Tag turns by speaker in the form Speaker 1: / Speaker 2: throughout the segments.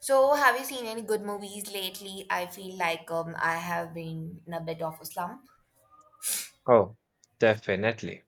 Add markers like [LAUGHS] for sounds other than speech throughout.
Speaker 1: So, have you seen any good movies lately? I feel like I have been in a bit of a slump.
Speaker 2: Oh, definitely.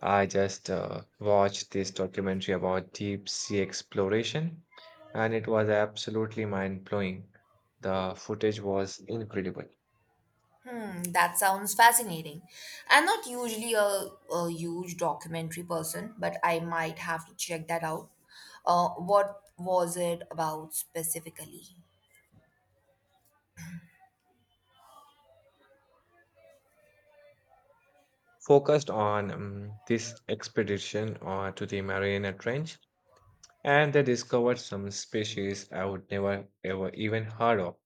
Speaker 2: I just watched this documentary about deep sea exploration, and it was absolutely mind-blowing. The footage was incredible,
Speaker 1: Hmm, that sounds fascinating. I'm not usually a huge documentary person, but I might have to check that out. What was it about specifically?
Speaker 2: focused on this expedition to the Mariana Trench, and they discovered some species I would never ever even heard of.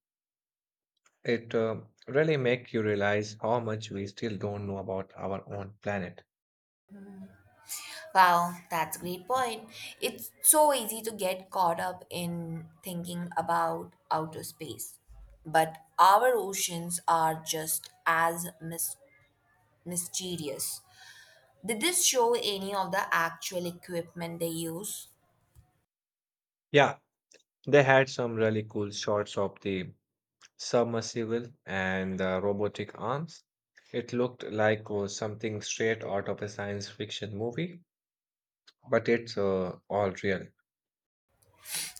Speaker 2: It really make you realize how much we still don't know about our own planet.
Speaker 1: Wow, that's a great point. It's so easy to get caught up in thinking about outer space, but our oceans are just as mysterious. Did this show any of the actual equipment they use?
Speaker 2: Yeah, they had some really cool shots of the submersible and the robotic arms. It looked like something straight out of a science fiction movie, but it's all real.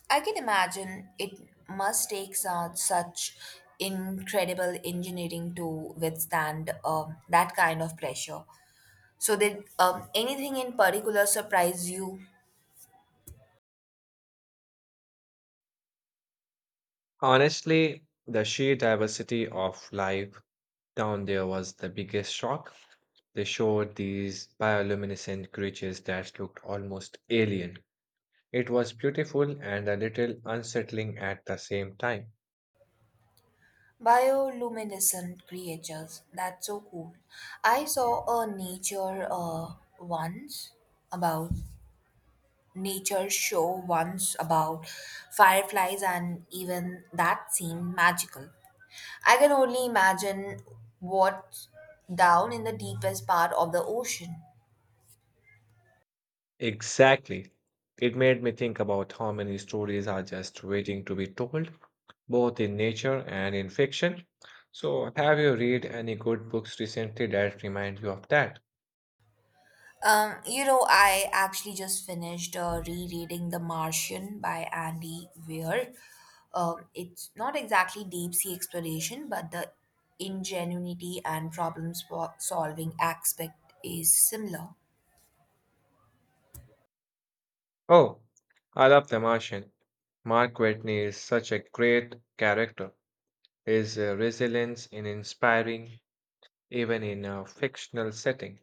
Speaker 1: I can imagine it must take such incredible engineering to withstand that kind of pressure. So, did anything in particular surprise you?
Speaker 2: Honestly, the sheer diversity of life down there was the biggest shock. They showed these bioluminescent creatures that looked almost alien. It was beautiful and a little unsettling at the same time.
Speaker 1: Bioluminescent creatures. That's so cool. I saw a once about nature show once about fireflies, and even that seemed magical. I can only imagine what's down in the deepest part of the ocean.
Speaker 2: Exactly. It made me think about how many stories are just waiting to be told, both in nature and in fiction. So, have you read any good books recently that remind you of that?
Speaker 1: I actually just finished rereading The Martian by Andy Weir. It's not exactly deep sea exploration, but the ingenuity and problem solving aspect is similar.
Speaker 2: Oh, I love The Martian. Mark Watney is such a great character. His resilience is inspiring, even in a fictional setting.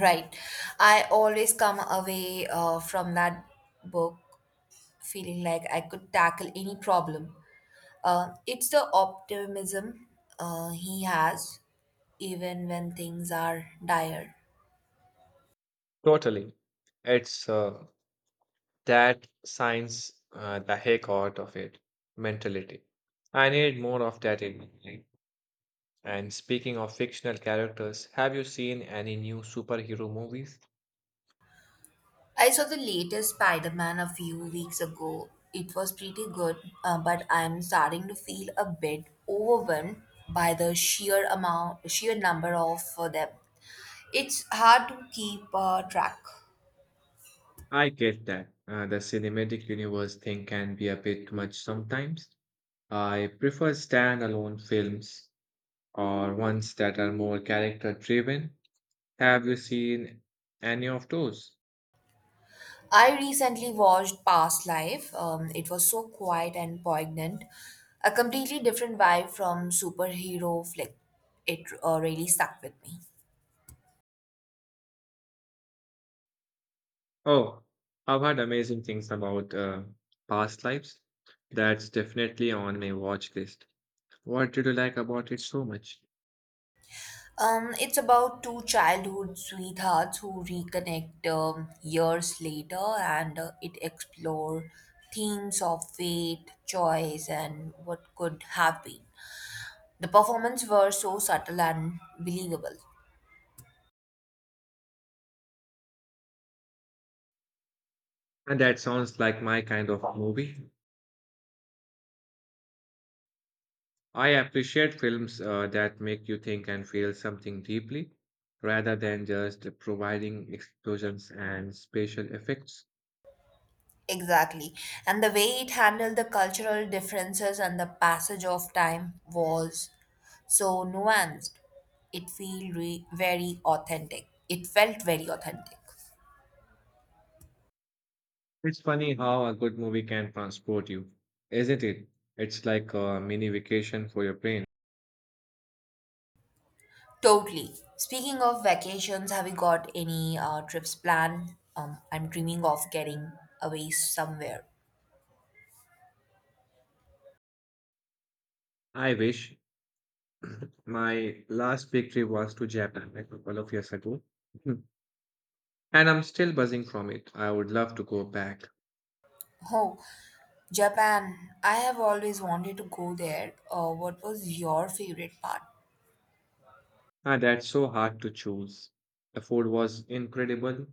Speaker 1: Right. I always come away from that book feeling like I could tackle any problem. It's the optimism he has, even when things are dire.
Speaker 2: Totally. It's that science, the heck out of it, mentality. I need more of that in my life. And speaking of fictional characters, have you seen any new superhero movies?
Speaker 1: I saw the latest Spider Man a few weeks ago. It was pretty good, but I'm starting to feel a bit overwhelmed by the sheer number of them. It's hard to keep track.
Speaker 2: I get that. The cinematic universe thing can be a bit much sometimes. I prefer standalone films or ones that are more character driven. Have you seen any of those?
Speaker 1: I recently watched Past Life. It was so quiet and poignant. A completely different vibe from superhero flick. It really stuck with me.
Speaker 2: Oh, I've heard amazing things about past lives. That's definitely on my watch list. What did you like about it so much?
Speaker 1: It's about two childhood sweethearts who reconnect years later, and it explore themes of fate, choice and what could have been. The performances were so subtle and believable.
Speaker 2: And that sounds like my kind of movie. I appreciate films that make you think and feel something deeply, rather than just providing explosions and special effects.
Speaker 1: Exactly. And the way it handled the cultural differences and the passage of time was so nuanced. It felt re- very authentic. It felt very authentic.
Speaker 2: It's funny how a good movie can transport you, isn't it? It's like a mini vacation for your brain.
Speaker 1: Totally. Speaking of vacations, have you got any trips planned? I'm dreaming of getting away somewhere.
Speaker 2: I wish. My last big trip was to Japan like, a couple of years ago. Mhm. And I'm still buzzing from it. I would love to go back.
Speaker 1: Oh, Japan. I have always wanted to go there. What was your favorite part?
Speaker 2: Ah, that's so hard to choose. The food was incredible,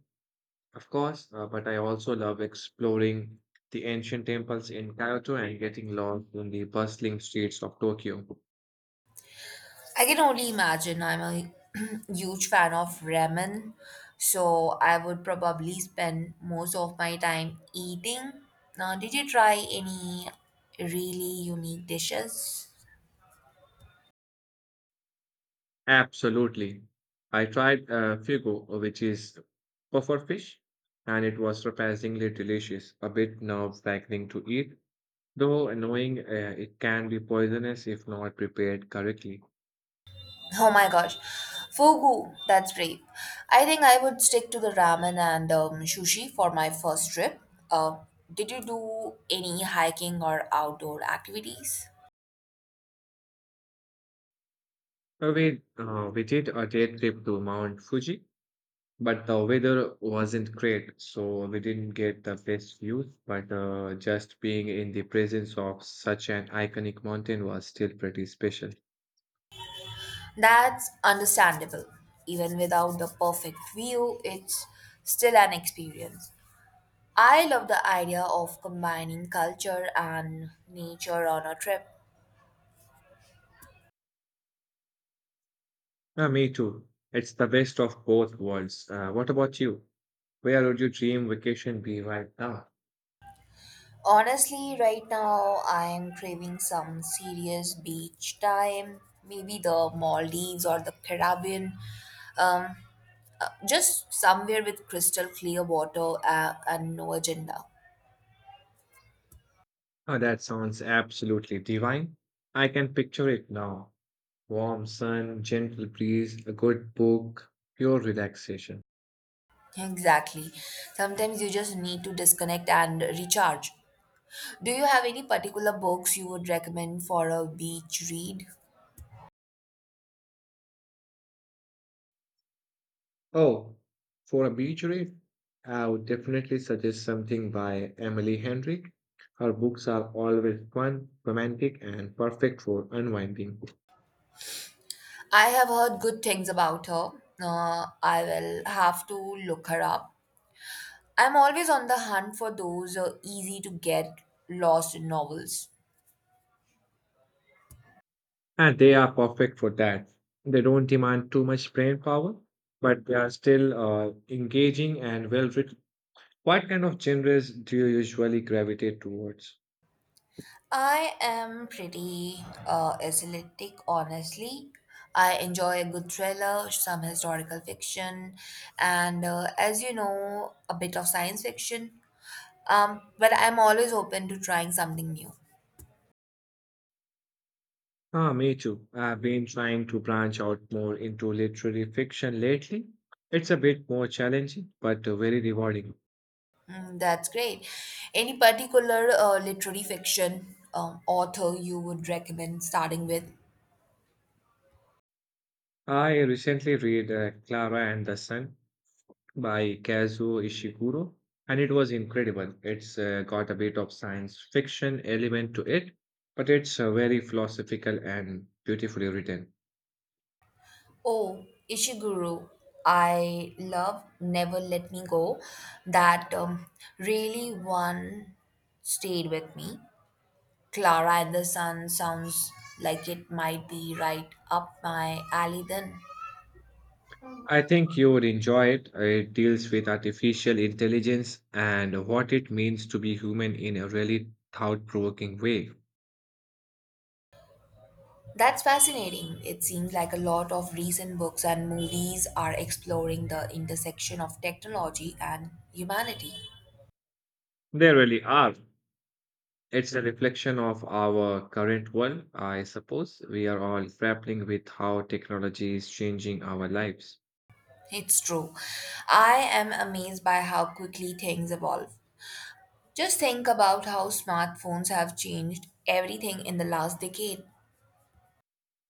Speaker 2: of course, but I also love exploring the ancient temples in Kyoto and getting lost in the bustling streets of Tokyo.
Speaker 1: I can only imagine. I'm a [CLEARS THROAT] huge fan of ramen, so I would probably spend most of my time eating. Now, did you try any really unique dishes? [LAUGHS]
Speaker 2: Absolutely. I tried fugu, which is puffer fish, and it was surprisingly delicious, a bit nerve-wracking to eat. Though annoying, it can be poisonous if not prepared correctly.
Speaker 1: Oh my gosh, fugu, that's brave. I think I would stick to the ramen and sushi for my first trip. Uh, did you do any hiking or outdoor activities?
Speaker 2: We did a day trip to Mount Fuji, but the weather wasn't great, so we didn't get the best views. But just being in the presence of such an iconic mountain was still pretty special.
Speaker 1: That's understandable. Even without the perfect view, it's still an experience. I love the idea of combining culture and nature on a trip.
Speaker 2: Me too. It's the best of both worlds. What about you? Where would your dream vacation be right now?
Speaker 1: Honestly, right now I am craving some serious beach time, maybe the Maldives or the Caribbean. Um, just somewhere with crystal clear water and no agenda.
Speaker 2: Oh, that sounds absolutely divine. I can picture it now. Warm sun, gentle breeze, a good book, pure relaxation.
Speaker 1: Exactly. Sometimes you just need to disconnect and recharge. Do you have any particular books you would recommend for a beach read?
Speaker 2: Oh, for a beach read, I would definitely suggest something by Emily Henry. Her books are always fun, romantic, and perfect for unwinding.
Speaker 1: I have heard good things about her. I will have to look her up. I'm always on the hunt for those easy to get lost novels.
Speaker 2: And they are perfect for that. They don't demand too much brain power, but they are still engaging and well written. What kind of genres do you usually gravitate towards?
Speaker 1: I am pretty athletic, honestly. I enjoy a good thriller, some historical fiction, and as you know, a bit of science fiction. But I'm always open to trying something new.
Speaker 2: Ah, me too. I've been trying to branch out more into literary fiction lately. It's a bit more challenging, but very rewarding.
Speaker 1: Mm, that's great. Any particular literary fiction author you would recommend starting with?
Speaker 2: I recently read Clara and the Sun by Kazuo Ishiguro, and it was incredible. It's got a bit of science fiction element to it, but it's very philosophical and beautifully written.
Speaker 1: Oh, Ishiguro. I love Never Let Me Go. That really one stayed with me. Clara and the Sun sounds like it might be right up my alley then.
Speaker 2: I think you would enjoy it. It deals with artificial intelligence and what it means to be human in a really thought provoking way.
Speaker 1: That's fascinating. It seems like a lot of recent books and movies are exploring the intersection of technology and humanity.
Speaker 2: They really are. It's a reflection of our current world, I suppose. We are all grappling with how technology is changing our lives.
Speaker 1: It's true. I am amazed by how quickly things evolve. Just think about how smartphones have changed everything in the last decade.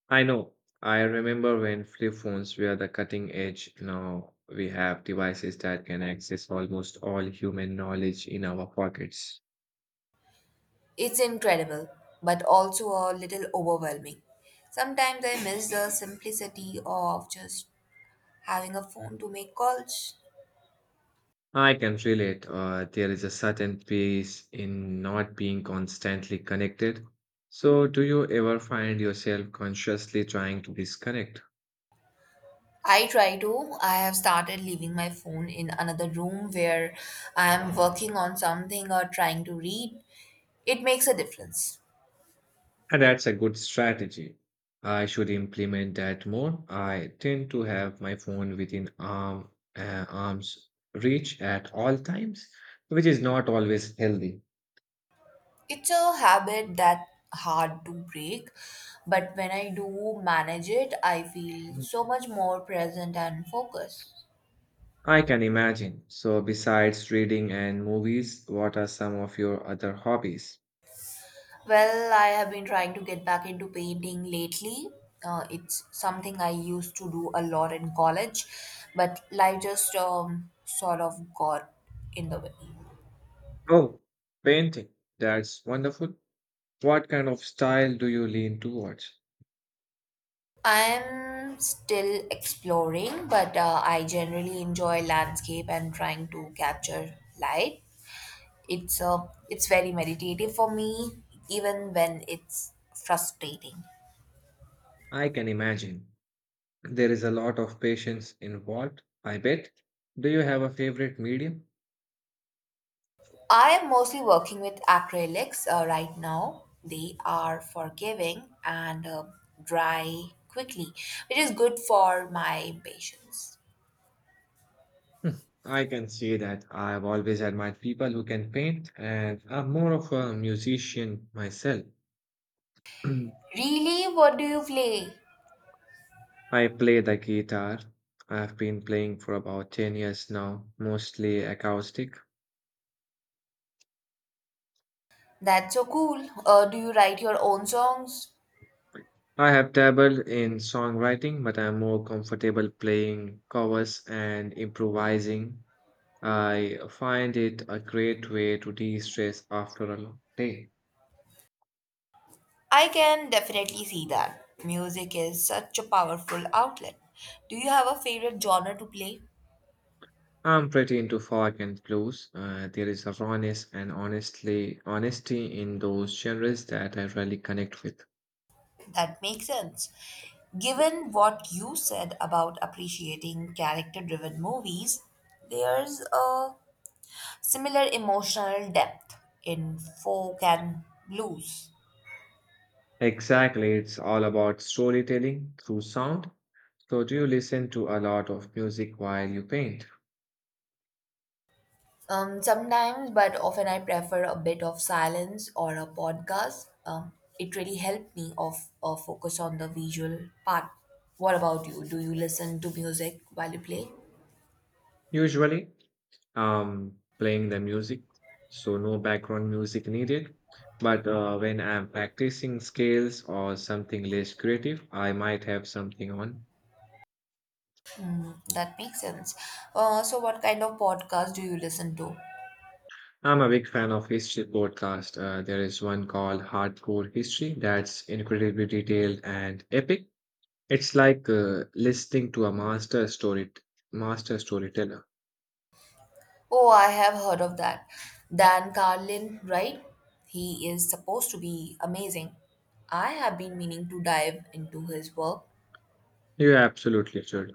Speaker 2: I know. I remember when flip phones were the cutting edge. Now we have devices that can access almost all human knowledge in our pockets.
Speaker 1: It's incredible, but also a little overwhelming. Sometimes I miss the simplicity of just having a phone to make calls.
Speaker 2: I can relate. There is a certain peace in not being constantly connected. So, do you ever find yourself consciously trying to disconnect?
Speaker 1: I try to. I have started leaving my phone in another room where I am working on something or trying to read. It makes a difference.
Speaker 2: And that's a good strategy. I should implement that more. I tend to have my phone within arm's reach at all times, which is not always healthy.
Speaker 1: It's a habit that hard to break, but when I do manage it, I feel
Speaker 2: Mm.
Speaker 1: so much more present and focused.
Speaker 2: I can imagine. So, besides reading and movies, what are some of your other hobbies?
Speaker 1: Well, I have been trying to get back into painting lately. It's something I used to do a lot in college, but life just sort of got in the way.
Speaker 2: Oh, painting. That's wonderful. What kind of style do you lean towards?
Speaker 1: I'm still exploring, but I generally enjoy landscape and trying to capture light. It's very meditative for me, even when it's frustrating.
Speaker 2: I can imagine. There is a lot of patience involved, I bet. Do you have a favorite medium?
Speaker 1: I am mostly working with acrylics right now. They are forgiving and dry quickly, which is good for my patience.
Speaker 2: I can say that I've always admired people who can paint, and I'm more of a musician myself. [CLEARS THROAT] I
Speaker 1: Really? What do you play?
Speaker 2: play the guitar. I've been playing for about 10 years now, mostly acoustic.
Speaker 1: That's so cool. Do you write your own songs?
Speaker 2: I have dabbled in songwriting, but I'm more comfortable playing covers and improvising. I find it a great way to de-stress after a long day.
Speaker 1: I can definitely see that. Music is such a powerful outlet. Do you have a favorite genre to play?
Speaker 2: I'm pretty into folk and blues. There is a rawness and honestly honesty in those genres that I really connect with.
Speaker 1: That makes sense. Given what you said about appreciating character driven movies, there's a similar emotional depth in folk and blues.
Speaker 2: Exactly, it's all about storytelling through sound. So do you listen to a lot of music while you paint?
Speaker 1: Sometimes, but often I prefer a bit of silence or a podcast. It really helped me off focus on the visual part. What about you? Do you listen to music while you play?
Speaker 2: Usually, um, playing the music. So no background music needed. But when I'm practicing scales or something less creative, I might have something on.
Speaker 1: Mm, that makes sense. So, what kind of podcast do you listen to?
Speaker 2: I'm a big fan of history podcast. There is one called Hardcore History that's incredibly detailed and epic. It's like listening to a master storyteller.
Speaker 1: Oh, I have heard of that. Dan Carlin, right? He is supposed to be amazing. I have been meaning to dive into his work.
Speaker 2: You absolutely should.